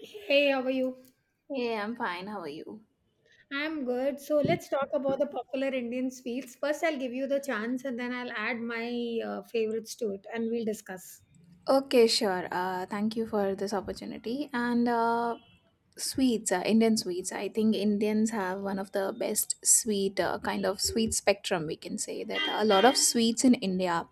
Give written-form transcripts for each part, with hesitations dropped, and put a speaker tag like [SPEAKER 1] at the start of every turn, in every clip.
[SPEAKER 1] Hey, how are you?
[SPEAKER 2] Yeah, I'm fine. How are you?
[SPEAKER 1] I'm good. So let's talk about the popular Indian sweets. First, I'll give you the chance and then I'll add my favorites to it and we'll discuss.
[SPEAKER 2] Okay, sure. Thank you for this opportunity. And sweets, Indian sweets. I think Indians have one of the best sweet kind of sweet spectrum. We can say that a lot of sweets in India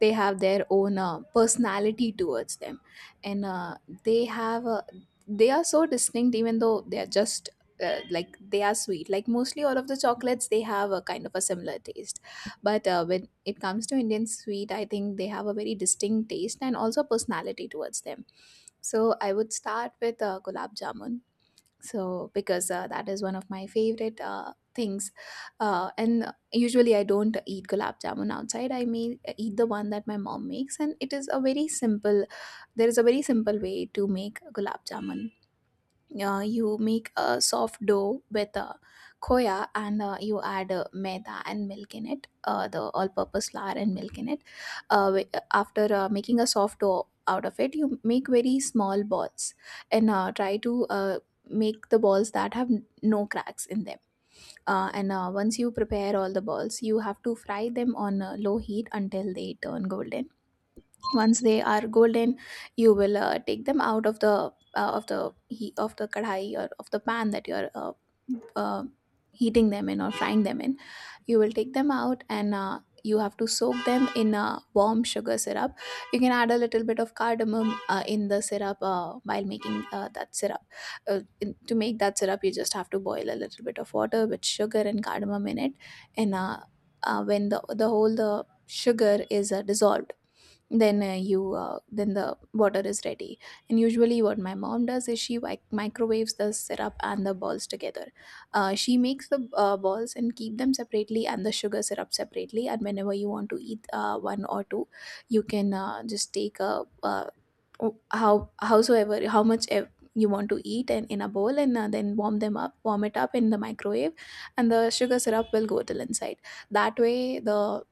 [SPEAKER 2] they have their own personality towards them, and they have they are so distinct even though they are just. Like they are sweet like mostly all of the chocolates they have a kind of a similar taste. But when it comes to Indian sweet, I think they have a very distinct taste and also personality towards them. So I would start with gulab jamun. So because that is one of my favorite things, and usually I don't eat gulab jamun outside. I may eat the one that my mom makes, and it is a very simple. There is a very simple way to make gulab jamun. You make a soft dough with khoya and you add maida and milk in it, the all-purpose flour and milk in it. After making a soft dough out of it you make very small balls and try to make the balls that have no cracks in them. And Once you prepare all the balls you have to fry them on low heat until they turn golden. Once they are golden you will take them out of the he of the kadhai or of the pan that you're uh, heating them in or frying them in. You will take them out and you have to soak them in a warm sugar syrup. You can add a little bit of cardamom in the syrup while making that syrup. To make that syrup you just have to boil a little bit of water with sugar and cardamom in it, and when the whole the sugar is dissolved, then the water is ready. And usually what my mom does is she like microwaves the syrup and the balls together. She makes the balls and keep them separately and the sugar syrup separately, and whenever you want to eat one or two you can just take a howsoever you want to eat and in a bowl and then warm it up in the microwave and the sugar syrup will go till inside. That way the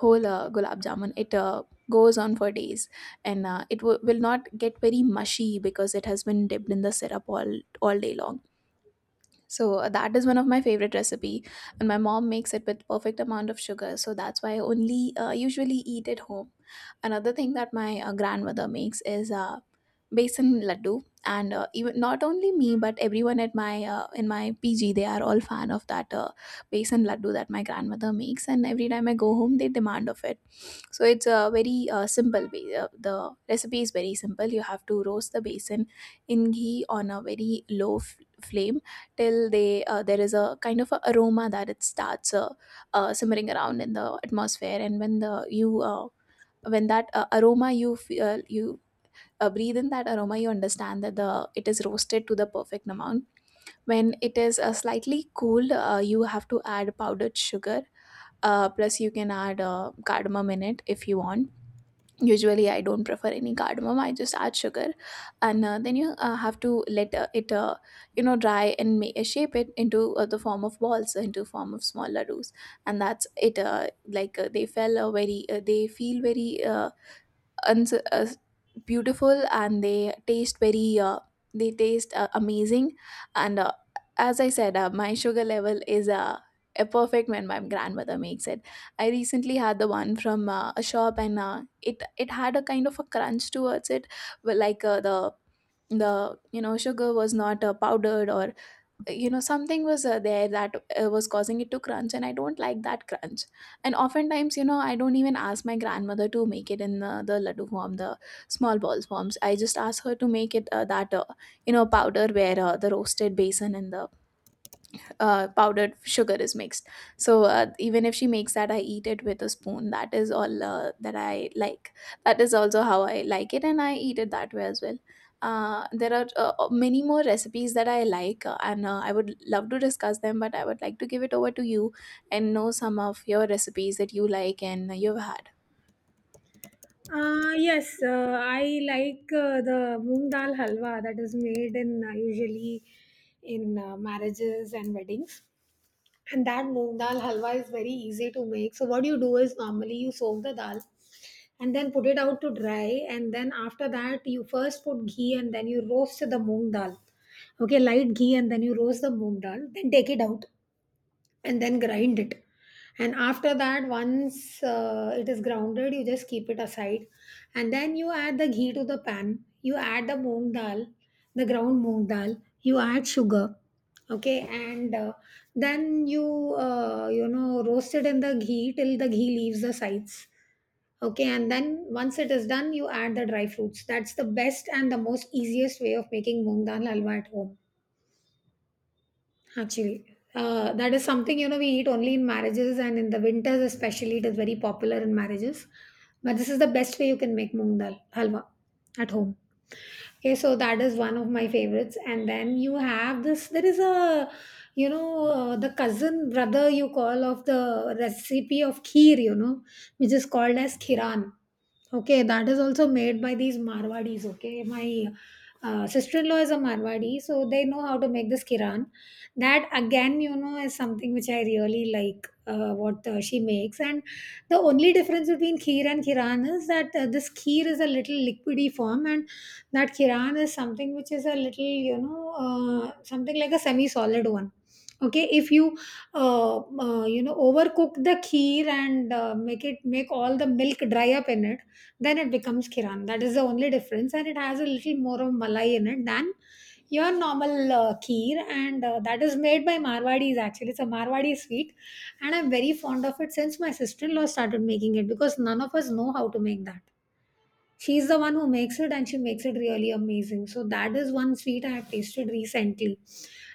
[SPEAKER 2] whole gulab jamun it goes on for days, and it will not get very mushy because it has been dipped in the syrup all day long. So that is one of my favorite recipe, and my mom makes it with perfect amount of sugar. So that's why I only usually eat at home. Another thing that my grandmother makes is besan laddu, and even not only me but everyone at my in my PG they are all fan of that besan laddu that my grandmother makes. And every time I go home, they demand of it. So it's a very simple. The recipe is very simple. You have to roast the besan in ghee on a very flame till they there is a kind of a aroma that it starts simmering around in the atmosphere, and when that aroma you feel, you breathe in that aroma you understand that the it is roasted to the perfect amount. When it is slightly cooled, you have to add powdered sugar, plus you can add cardamom in it if you want. Usually I don't prefer any cardamom, I just add sugar. And then you have to let it you know dry and shape it into the form of balls into form of small ladoos. And that's it. Like they feel very and beautiful, and they taste very they taste amazing. And as I said, my sugar level is a perfect when my grandmother makes it. I recently had the one from a shop, and it had a kind of a crunch towards it, but the you know sugar was not powdered, or you know something was there that was causing it to crunch, and I don't like that crunch. And oftentimes you know I don't even ask my grandmother to make it in the laddu form, the small balls forms. I just ask her to make it that you know powder where the roasted basin and the powdered sugar is mixed. So even if she makes that, I eat it with a spoon. That is all that I like. That is also how I like it, and I eat it that way as well. There are many more recipes that I like, and I would love to discuss them. But I would like to give it over to you and know some of your recipes that you like and you've had.
[SPEAKER 1] Yes, I like the moong dal halwa that is made in usually in marriages and weddings. And that moong dal halwa is very easy to make. So what you do is normally you soak the dal and then put it out to dry and then after that you first put ghee and then you roast the moong dal. Okay, light ghee and then you roast the moong dal, then take it out and then grind it, and after that once it is grounded you just keep it aside and then you add the ghee to the pan, you add the moong dal, the ground moong dal, you add sugar. Okay, and then you you know roast it in the ghee till the ghee leaves the sides. Okay, and then once it is done you add the dry fruits. That's the best and the most easiest way of making moong dal halwa at home. Actually, that is something, you know, we eat only in marriages, and in the winters especially it is very popular in marriages. But this is the best way you can make moong dal halwa at home. Okay, so that is one of my favorites. And then you have this. There is a, you know, the cousin brother you call of the recipe of kheer, you know, which is called as khiran. Okay, that is also made by these Marwadis. Okay, my sister-in-law is a Marwadi, so they know how to make this kiran. That again, you know, is something which I really like. What she makes, and the only difference between kheer and kiran is that this kheer is a little liquidy form, and that kiran is something which is a little, you know, something like a semi-solid one. Okay, if you you know overcook the kheer and make it, make all the milk dry up in it, then it becomes Kiran. That is the only difference, and it has a little more of Malai in it than your normal kheer, and that is made by Marwadis. Actually, it's a Marwadi sweet, and I'm very fond of it since my sister-in-law started making it, because none of us know how to make that. She's the one who makes it, and she makes it really amazing. So that is one sweet I have tasted recently.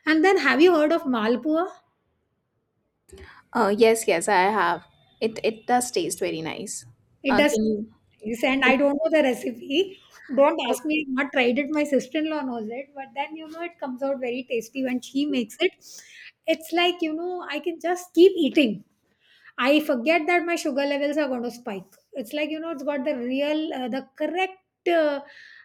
[SPEAKER 1] And then, have you heard of Malpua?
[SPEAKER 2] Yes, yes, I have. It does taste very nice.
[SPEAKER 1] It does,
[SPEAKER 2] Can you?
[SPEAKER 1] yes, and
[SPEAKER 2] can
[SPEAKER 1] I don't know the recipe. Don't
[SPEAKER 2] you
[SPEAKER 1] ask me, I've not tried it. My sister-in-law knows it, but then you know it comes out very tasty when she makes it. It's like, you know, I can just keep eating. I forget that my sugar levels are going to spike. It's like, you know, it's got the real, the correct. Uh,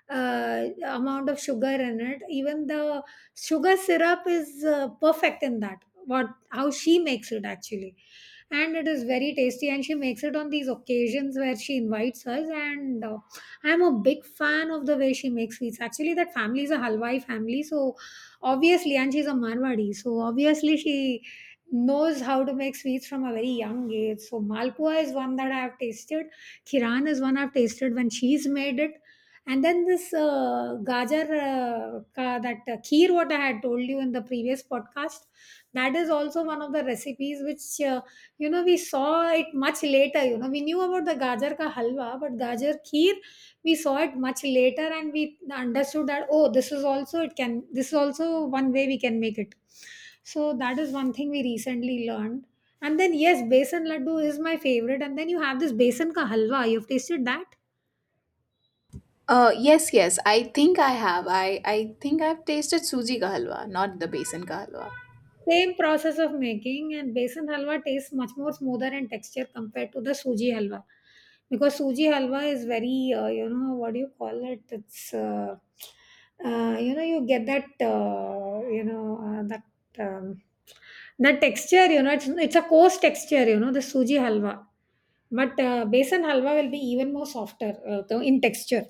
[SPEAKER 1] Amount of sugar in it, even the sugar syrup is perfect in that, what how she makes it actually, and it is very tasty, and she makes it on these occasions where she invites us. And I'm a big fan of the way she makes sweets. Actually, that family is a halwai family, so obviously, and she's a Marwadi, so obviously she knows how to make sweets from a very young age. So Malpua is one that I have tasted, Kiran is one I've tasted when she's made it. And then this gajar ka, that kheer, what I had told you in the previous podcast, that is also one of the recipes which, you know, we saw it much later. You know, we knew about the gajar ka halwa, but gajar kheer, we saw it much later, and we understood that, oh, this is also, it can. This is also one way we can make it. So that is one thing we recently learned. And then yes, besan laddu is my favorite. And then you have this besan ka halwa. You've tasted that?
[SPEAKER 2] Yes, yes. I think I have. I think I've tasted suji ka halwa, not the besan ka halwa.
[SPEAKER 1] Same process of making, and besan halwa tastes much more smoother and texture compared to the suji halwa, because suji halwa is very you know what do you call it, it's you know, you get that you know that um, that texture, you know, it's a coarse texture, you know, the suji halwa. But besan halwa will be even more softer in texture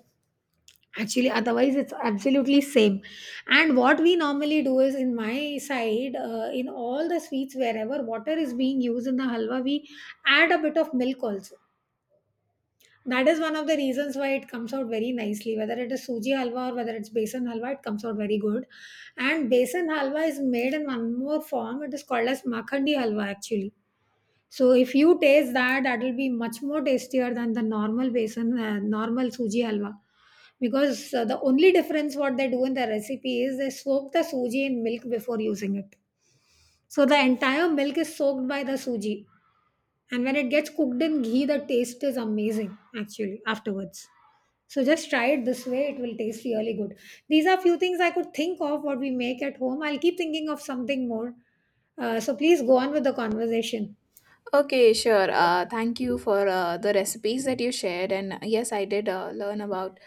[SPEAKER 1] actually. Otherwise it's absolutely same. And what we normally do is, in my side, in all the sweets wherever water is being used in the halwa, we add a bit of milk also. That is one of the reasons why it comes out very nicely, whether it is suji halwa or whether it's besan halwa, it comes out very good. And besan halwa is made in one more form, it is called as makhandi halwa actually. So if you taste that, that will be much more tastier than the normal besan, normal suji halwa. Because the only difference what they do in the recipe is they soak the suji in milk before using it. So the entire milk is soaked by the suji, and when it gets cooked in ghee, the taste is amazing actually afterwards. So just try it this way; it will taste really good. These are few things I could think of what we make at home. I'll keep thinking of something more. So please go on with the conversation.
[SPEAKER 2] Okay, sure. Thank you for the recipes that you shared. And yes, I did learn about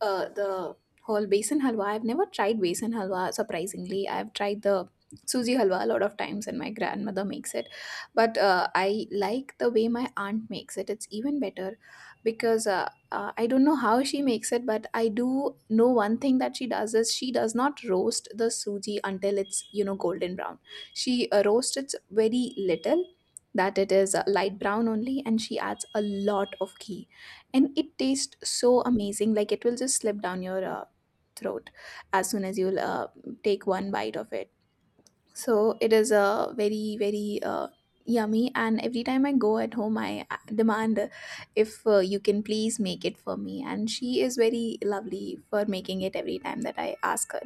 [SPEAKER 2] the whole besan halwa. I've never tried besan halwa, surprisingly. I've tried the suji halwa a lot of times, and my grandmother makes it. But I like the way my aunt makes it. It's even better because I don't know how she makes it, but I do know one thing that she does is she does not roast the suji until it's, you know, golden brown. She roasts it very little, that it is light brown only, and she adds a lot of ghee and it tastes so amazing, like it will just slip down your throat as soon as you'll take one bite of it. So it is very very yummy. And every time I go at home I demand if you can please make it for me, and she is very lovely for making it every time that I ask her.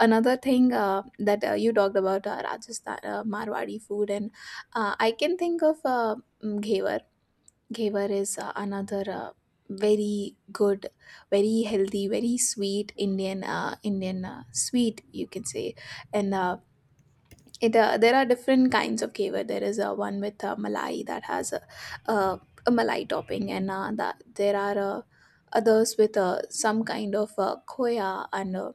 [SPEAKER 2] Another thing that you talked about, Rajasthan Marwadi food, and I can think of Ghevar. Ghevar is another very good, very healthy, very sweet Indian Indian sweet you can say, and. It, there are different kinds of kevar. There is one with malai that has uh, a malai topping, and that there are others with some kind of khoya and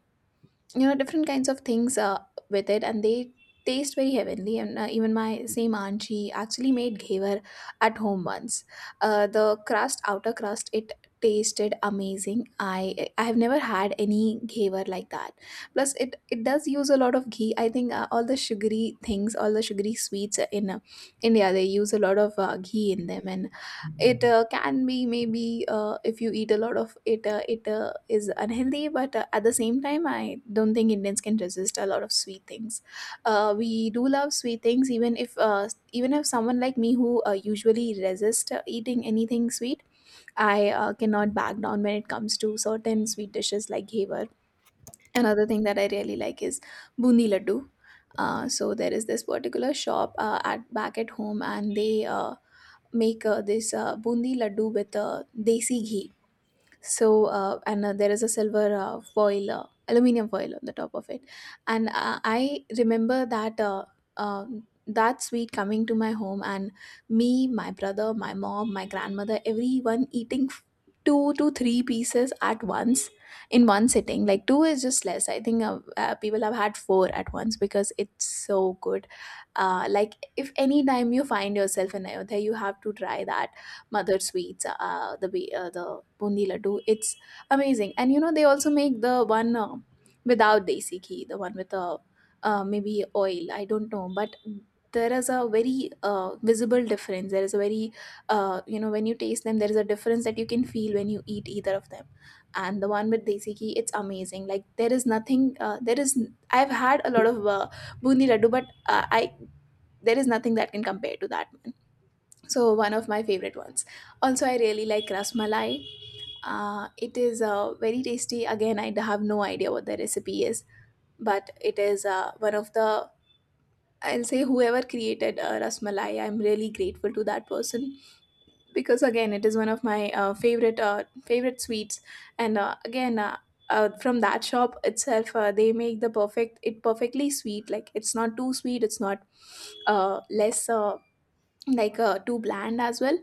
[SPEAKER 2] you know different kinds of things with it, and they taste very heavenly. And even my same aunt she actually made ghevar at home once. The crust outer crust it tasted amazing. I i have never had any ghevar like that. Plus it does use a lot of ghee. I think all the sugary things all the sugary sweets in India they use a lot of ghee in them, and it can be maybe if you eat a lot of it it is unhealthy, but at the same time I don't think Indians can resist a lot of sweet things. We do love sweet things, even if someone like me who usually resist eating anything sweet, I cannot back down when it comes to certain sweet dishes like ghevar. Another thing that I really like is bundi laddu. So there is this particular shop at back at home, and they make this bundi laddu with desi ghee. So uh, and uh, there is a silver foil aluminum foil on the top of it. And I remember that that sweet coming to my home, and me, my brother, my mom, my grandmother, everyone eating two to three pieces at once in one sitting. Like two is just less. I think people have had four at once because it's so good. Like if any time you find yourself in Ayodhya you have to try that Mother Sweets, the bundi laddu. It's amazing. And you know they also make the one without desi ghee, the one with maybe oil, I don't know But there is a very visible difference. There is a very you know, when you taste them, there is a difference that you can feel when you eat either of them. And the one with desi ghee, it's amazing. Like there is nothing there is I've had a lot of bundi laddu, but I there is nothing that can compare to that. So one of my favorite ones, also I really like rasmalai. It is very tasty. Again, I have no idea what the recipe is, but it is one of the I'll say whoever created rasmalai, I'm really grateful to that person, because again it is one of my favorite favorite sweets. And again From that shop itself, they make the perfect, it perfectly sweet, like it's not too sweet, it's not less, too bland as well.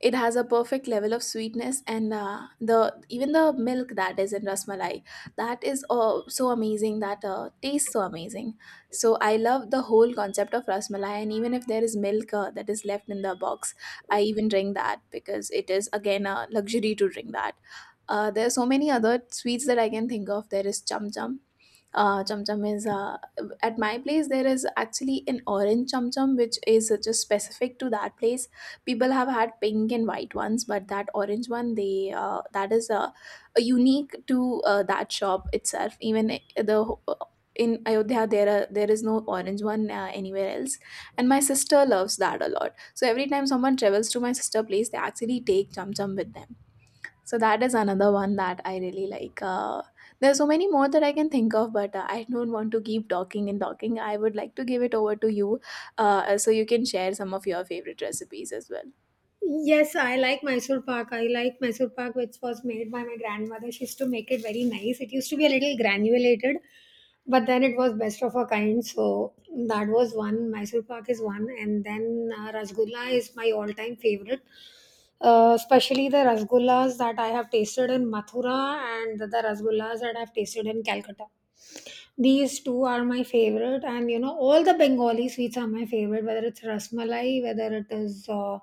[SPEAKER 2] It has a perfect level of sweetness, and the even the milk that is in rasmalai, that is so amazing, that tastes so amazing. So I love the whole concept of rasmalai, and even if there is milk that is left in the box, I even drink that, because it is again a luxury to drink that. There are so many other sweets that I can think of. There is chum chum. Chum chum is At my place, there is actually an orange chum chum, which is just specific to that place. People have had pink and white ones, but that orange one, they that is unique to that shop itself. Even I- the ho- In Ayodhya, there is no orange one anywhere else. And my sister loves that a lot, so every time someone travels to my sister place, they actually take chum chum with them. So that is another one that I really like. There are so many more that I can think of, but I don't want to keep talking and talking. I would like to give it over to you, so you can share some of your favorite recipes as well.
[SPEAKER 1] Yes, I like Mysore Pak. I like Mysore Pak, which was made by my grandmother. She used to make it very nice. It used to be a little granulated, but then it was best of a kind. So that was one. Mysore Pak is one, and then Rasgulla is my all-time favorite. Especially the rasgullas that I have tasted in Mathura and the rasgullas that I've tasted in Calcutta. These two are my favorite, and you know all the Bengali sweets are my favorite. Whether it's rasmalai, whether it is. Uh,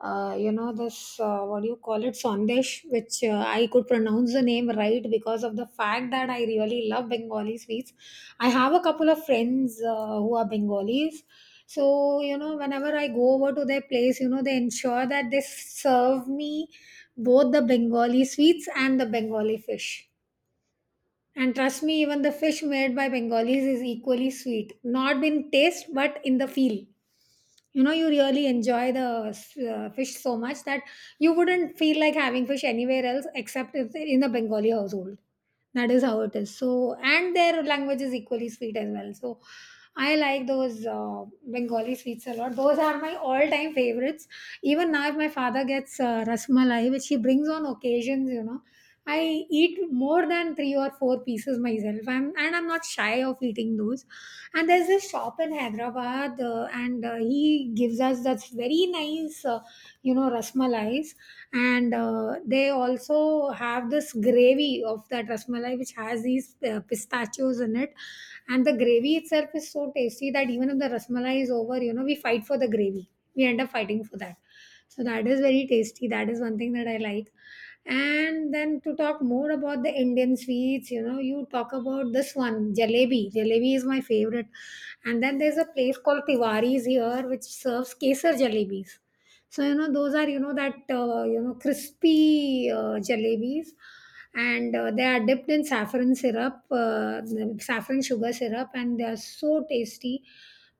[SPEAKER 1] uh, You know this, what do you call it, sandesh, which I could pronounce the name right because of the fact that I really love Bengali sweets. I have a couple of friends who are Bengalis, so, you know, whenever I go over to their place, you know, they ensure that they serve me both the Bengali sweets and the Bengali fish. And trust me, even the fish made by Bengalis is equally sweet, not in taste but in the feel. You know, you really enjoy the fish so much that you wouldn't feel like having fish anywhere else except if in the Bengali household. That is how it is. So, and their language is equally sweet as well. So I like those Bengali sweets a lot. Those are my all time favorites. Even now, if my father gets rasmalai, which he brings on occasions, you know, I eat more than 3 or 4 pieces myself. I'm, and I'm not shy of eating those. And there's this shop in Hyderabad, and he gives us that's very nice, you know, rasmalais. And they also have this gravy of that rasmalai which has these pistachios in it. And the gravy itself is so tasty that even if the rasmalai is over, you know, we fight for the gravy. We end up fighting for that. So that is very tasty. That is one thing that I like. And then, to talk more about the Indian sweets, you know, you talk about this one, jalebi. Jalebi is my favorite. And then there's a place called Tiwari's here, which serves kesar jalebis. So, you know, those are, you know, that, you know, crispy jalebis. And they are dipped in saffron syrup, saffron sugar syrup, and they are so tasty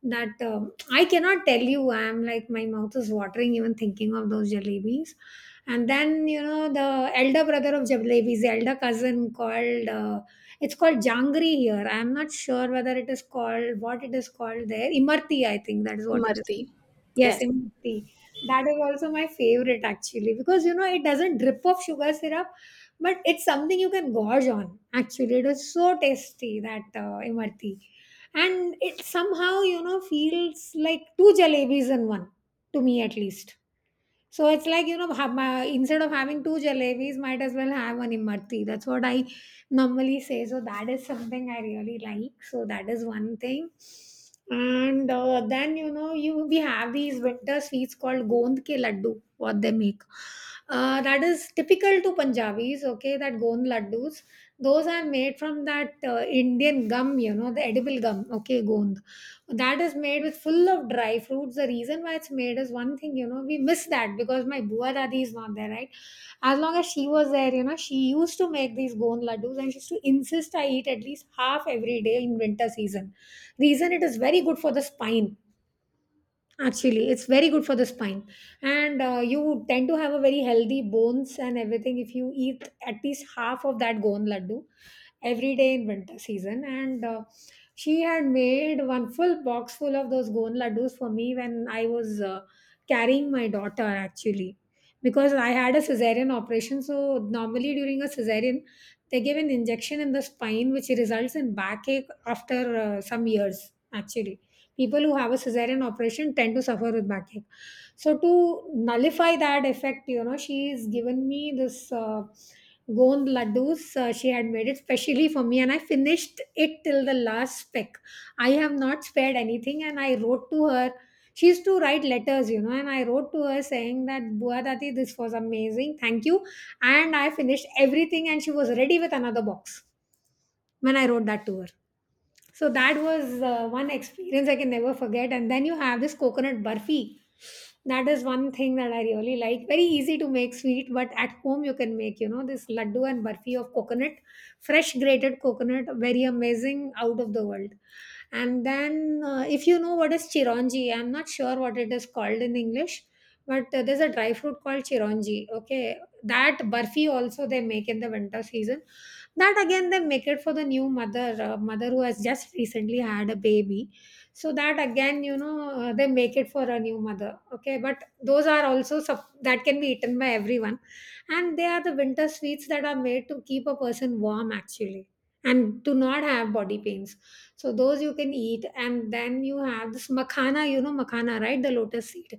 [SPEAKER 1] that I cannot tell you. I'm like, my mouth is watering even thinking of those jalebis. And then, you know, the elder brother of jalebi, the elder cousin called it's called jangri here, I'm not sure whether it is called, what it is called there, imarti, I think that is what it is.
[SPEAKER 2] Imarti.
[SPEAKER 1] Yes,
[SPEAKER 2] Yes.
[SPEAKER 1] imarti, that is also my favorite actually, because, you know, it doesn't drip of sugar syrup, but it's something you can gorge on. Actually, it was so tasty that imarti, and it somehow, you know, feels like two jalebis in one, to me at least. So it's like, you know, instead of having two jalebis, might as well have one imarti. That's what I normally say. So that is something I really like. So that is one thing. And Then, you know, you we have these winter sweets called gond ke laddu, what they make. That is typical to Punjabis, okay, that gond laddus. Those are made from that Indian gum, you know, the edible gum, okay, gond that is made with full of dry fruits. The reason why it's made is one thing, you know, we miss that because my bua dadi is not there, right? As long as she was there, you know, she used to make these gone laddus, and she used to insist I eat at least half every day in winter season. Reason it is very good for the spine. Actually, it's very good for the spine, and you tend to have a very healthy bones and everything if you eat at least half of that gone laddu every day in winter season. And She had made one full box full of those gone laddus for me when I was carrying my daughter actually, because I had a cesarean operation. So normally during a cesarean, they give an injection in the spine which results in backache after some years. Actually, people who have a cesarean operation tend to suffer with backache, so to nullify that effect, you know, she's given me this gond laddus. She had made it specially for me, and I finished it till the last speck. I have not spared anything, and I wrote to her. She used to write letters, you know, and I wrote to her saying that bua dati this was amazing, thank you, and I finished everything, and she was ready with another box when I wrote that to her. So that was one experience I can never forget. And then you have this coconut burfi. That is one thing that I really like. Very easy to make sweet, but at home you can make, you know, this laddu and burfi of coconut, fresh grated coconut, very amazing, out of the world. And then, if you know what is chironji, I'm not sure what it is called in English, but there's a dry fruit called chironji. Okay, that burfi also they make in the winter season. That again they make it for the new mother, mother who has just recently had a baby. So that again, you know, they make it for a new mother. Okay, but those are also that can be eaten by everyone, and they are the winter sweets that are made to keep a person warm actually, and do not have body pains. So those you can eat, and then you have this makhana. You know makhana, right? The lotus seed,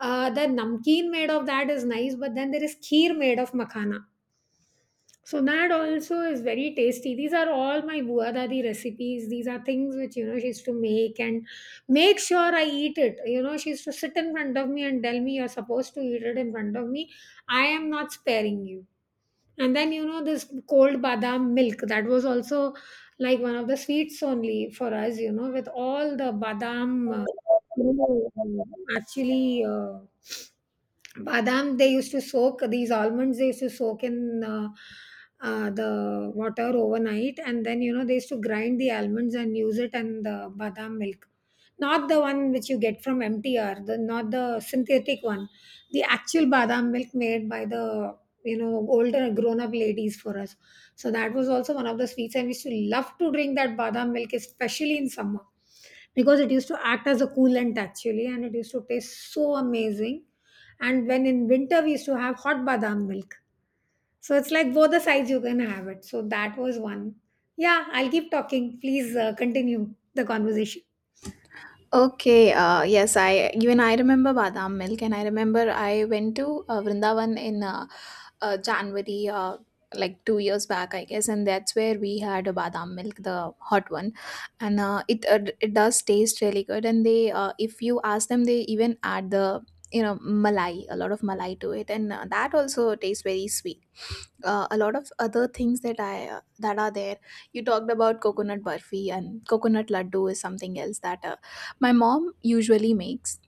[SPEAKER 1] the namkeen made of that is nice, but then there is kheer made of makhana. So that also is very tasty. These are all my bua dadi recipes. These are things which you know she used to make and make sure I eat it. You know, she used to sit in front of me and tell me you're supposed to eat it in front of me. I am not sparing you. And then you know this cold badam milk, that was also like one of the sweets only for us. You know, with all the badam, you know, actually. Badam, they used to soak these almonds, they used to soak in the water overnight, and then, you know, they used to grind the almonds and use it, and the badam milk, not the one which you get from mtr, the not the synthetic one, the actual badam milk made by the, you know, older grown up ladies for us. So that was also one of the sweets, and we used to love to drink that badam milk, especially in summer, because it used to act as a coolant actually, and it used to taste so amazing. And when in winter we used to have hot badam milk, so it's like both the sides you can have it. So that was one. Yeah, I'll keep talking. Please continue the conversation.
[SPEAKER 2] Okay. Yes, I remember badam milk, and I remember I went to Vrindavan in January, like 2 years back, I guess, and that's where we had a badam milk, the hot one, and it does taste really good. And if you ask them, they even add the you know malai, a lot of malai to it, and that also tastes very sweet. A lot of other things that I that are there. You talked about coconut burfi, and coconut laddu is something else that my mom usually makes.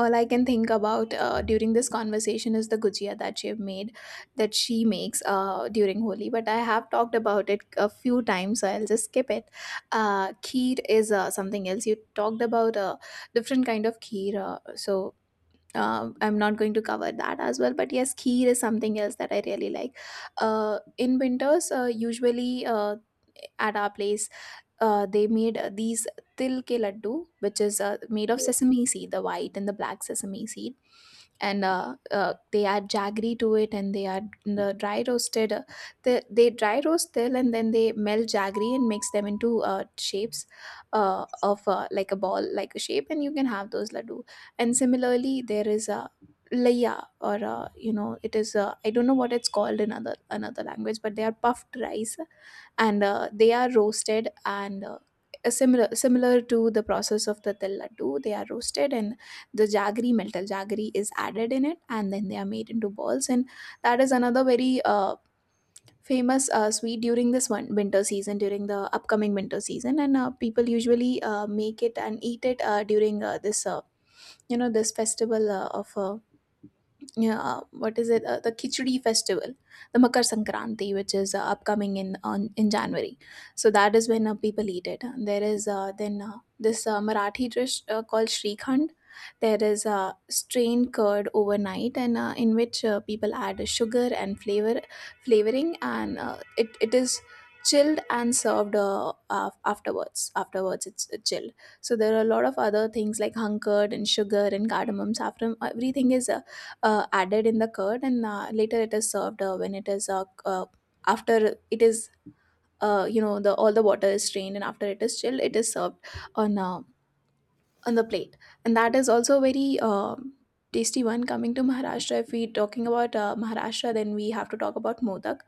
[SPEAKER 2] All I can think about during this conversation is the gujia that she makes during Holi. But I have talked about it a few times, so I'll just skip it. Kheer is something else. You talked about different kind of kheer. I'm not going to cover that as well. But yes, kheer is something else that I really like. In winters, usually at our place, they made these til ke laddu, which is made of sesame seed, the white and the black sesame seed. And They add jaggery to it, and they add the dry roasted. They dry roast till, and then they melt jaggery and mix them into shapes of like a ball, like a shape, and you can have those laddu. And similarly, there is a laya, or a, you know, it is a, I don't know what it's called in other another language, but they are puffed rice, and they are roasted, and a similar similar to the process of the til laddu, they are roasted, and the jaggery melted jaggery is added in it, and then they are made into balls. And that is another very famous sweet during this one winter season during the upcoming winter season, and people usually make it and eat it during this festival of yeah, what is it? The Khichdi festival, the Makar Sankranti, which is upcoming in January. So that is when people eat it. And there is then this Marathi dish called shrikhand. There is strained curd overnight, and in which people add sugar and flavoring, and it is chilled and served afterwards. Afterwards, it's chilled. So there are a lot of other things like hung curd and sugar and cardamoms. After everything is added in the curd, and later it is served when it is after it is you know, the all the water is strained, and after it is chilled, it is served on uh, on the plate. And that is also a very tasty one. Coming to Maharashtra, if we talking about Maharashtra, then we have to talk about modak.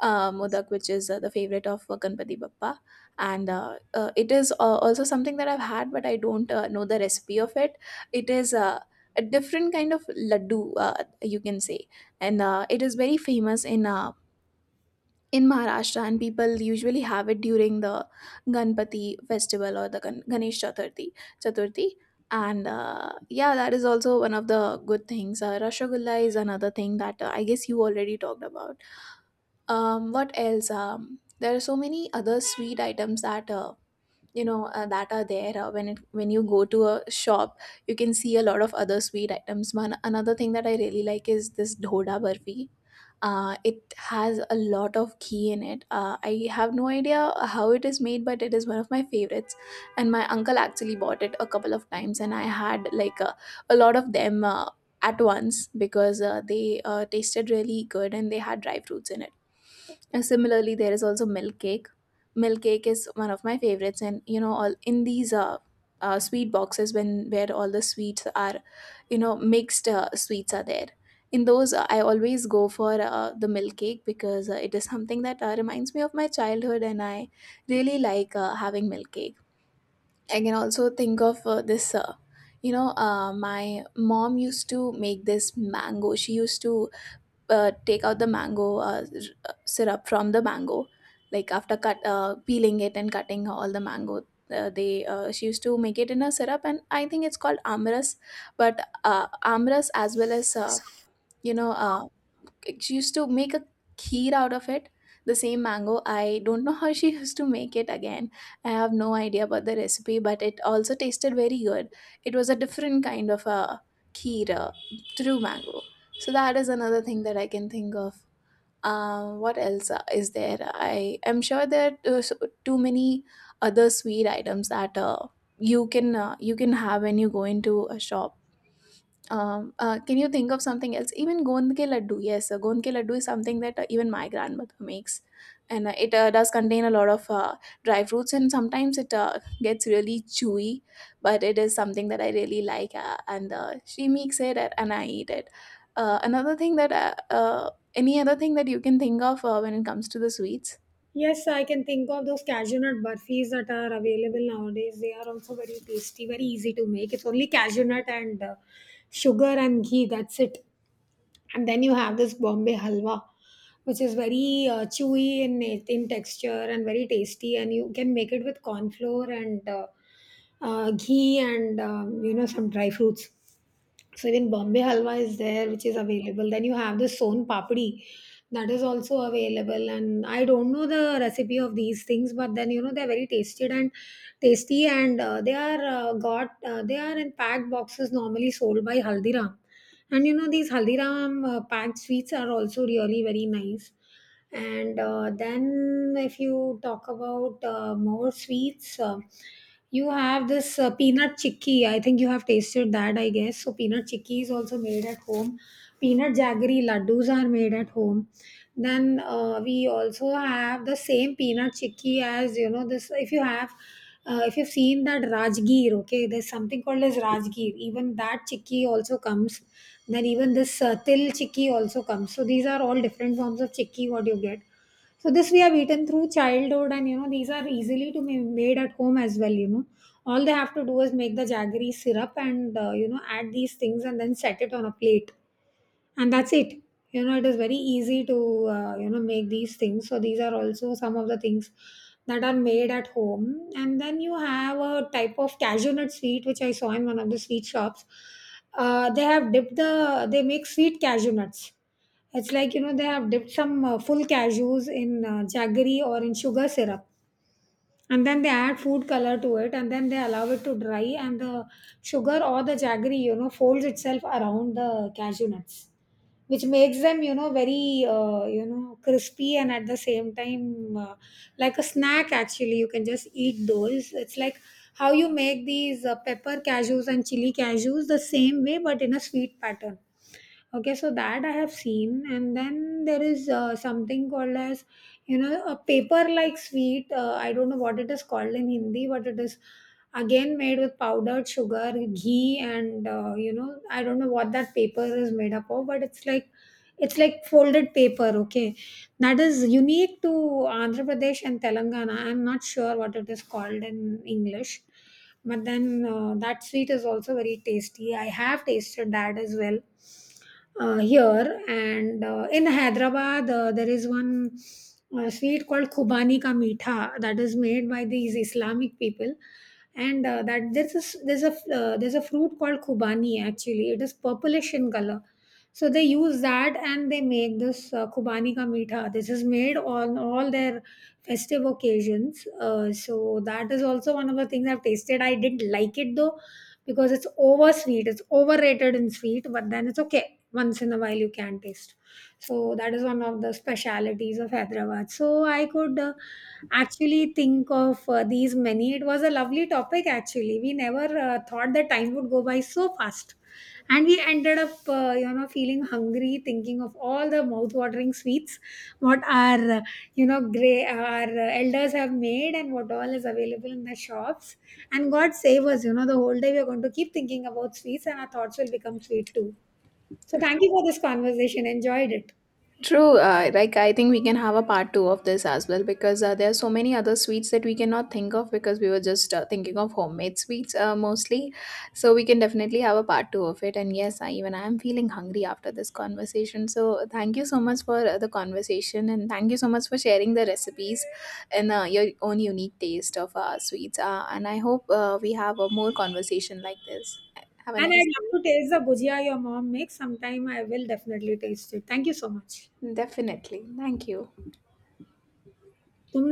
[SPEAKER 2] Modak, which is the favorite of Ganpati Bappa. And It is also something that I've had, but I don't know the recipe of it. It is a different kind of laddu, you can say. And it is very famous in Maharashtra, and people usually have it during the Ganpati festival, or the Ganesh Chaturthi. Chaturthi. And yeah, that is also one of the good things. Rasgulla is another thing that I guess you already talked about. What else? There are so many other sweet items that that are there when you go to a shop, you can see a lot of other sweet items. One another thing that I really like is this dhoda barfi. It has a lot of ghee in it. I have no idea how it is made, but it is one of my favorites. And my uncle actually bought it a couple of times, and I had a lot of them at once, because they tasted really good, and they had dry fruits in it. And similarly, there is also milk cake. Milk cake is one of my favorites, and you know, all in these sweet boxes, when where all the sweets are, you know, mixed sweets are there. In those, I always go for the milk cake, because it is something that reminds me of my childhood, and I really like having milk cake. I can also think of this. My mom used to make this mango. She used to take out the mango syrup from the mango, like after cut peeling it and cutting all the mango. They She used to make it in a syrup, and I think it's called amras. But amras, as well as you know uh, she used to make a kheer out of it, the same mango. I don't know how she used to make it again. I have no idea about the recipe, but it also tasted very good. It was a different kind of a kheer through mango. So that is another thing that I can think of. What else is there? I am sure there are too many other sweet items that you can have when you go into a shop. Can you think of something else? Even gond ke laddu, yes, gond ke laddu is something that even my grandmother makes, and it does contain a lot of dry fruits, and sometimes it gets really chewy, but it is something that I really like, and she makes it, and I eat it. Another thing that Any other thing that you can think of when it comes to the sweets?
[SPEAKER 1] Yes, I can think of those cashew nut burfis that are available nowadays. They are also very tasty, very easy to make. It's only cashew nut and sugar and ghee, that's it. And then you have this bombay halwa, which is very chewy in texture and very tasty, and you can make it with corn flour and ghee and you know, some dry fruits. So even Bombay halwa is there, which is available. Then you have the son papdi, that is also available. And I don't know the recipe of these things, but then you know they're very tasted and tasty, and they are in packed boxes normally sold by Haldiram. And you know these Haldiram packed sweets are also really very nice, and then if you talk about more sweets, you have this peanut chicky. I think you have tasted that, I guess. So peanut chicky is also made at home. Peanut jaggery laddus are made at home. Then we also have the same peanut chicky as you know this. If you have, if you've seen that Rajgir, okay, there's something called as Rajgir. Even that chicky also comes. Then even this till chicky also comes. So these are all different forms of chicky what you get. So this we have eaten through childhood, and you know these are easily to be made at home as well. You know, all they have to do is make the jaggery syrup and you know, add these things and then set it on a plate, and that's it. You know, it is very easy to you know, make these things. So these are also some of the things that are made at home. And then you have a type of cashew nut sweet which I saw in one of the sweet shops. They have dipped the They make sweet cashew nuts. It's like, you know, they have dipped some full cashews in jaggery or in sugar syrup, and then they add food color to it, and then they allow it to dry, and the sugar or the jaggery, you know, folds itself around the cashew nuts, which makes them, you know, very, you know, crispy, and at the same time like a snack actually. You can just eat those. It's like how you make these pepper cashews and chili cashews the same way, but in a sweet pattern. Okay, so that I have seen. And then there is something called as, you know, a paper-like sweet. I don't know what it is called in Hindi, but it is again made with powdered sugar, ghee, and you know, I don't know what that paper is made up of, but it's like, it's like folded paper. Okay, that is unique to Andhra Pradesh and Telangana. I'm not sure what it is called in English, but then that sweet is also very tasty. I have tasted that as well here. And in hyderabad, there is one sweet called khubani ka meetha that is made by these islamic people, and that there's a s- there's a fruit called khubani, actually it is purplish in color. So they use that and they make this khubani ka meetha. This is made on all their festive occasions. So that is also one of the things I've tasted. I didn't like it though, because it's over sweet, it's overrated in sweet, but then it's okay. Once in a while you can taste. So that is one of the specialities of hyderabad. So I could actually think of these many. It was a lovely topic actually. We never thought that time would go by so fast, and we ended up you know, feeling hungry thinking of all the mouth-watering sweets what our you know gray our elders have made, and what all is available in the shops. And god save us, you know, the whole day we are going to keep thinking about sweets, and our thoughts will become sweet too. So thank you for this conversation. Enjoyed it.
[SPEAKER 2] True, like I think we can have a part two of this as well, because there are so many other sweets that we cannot think of, because we were just thinking of homemade sweets mostly. So we can definitely have a part two of it. And yes, even I am feeling hungry after this conversation. So thank you so much for the conversation, and thank you so much for sharing the recipes and your own unique taste of sweets. And I hope we have a more conversation like this. Have a
[SPEAKER 1] And
[SPEAKER 2] nice
[SPEAKER 1] I'd love to
[SPEAKER 2] day.
[SPEAKER 1] taste the bhujia your mom makes. Sometime I will definitely taste it. Thank you so much.
[SPEAKER 2] Definitely. Thank you.
[SPEAKER 1] तुमने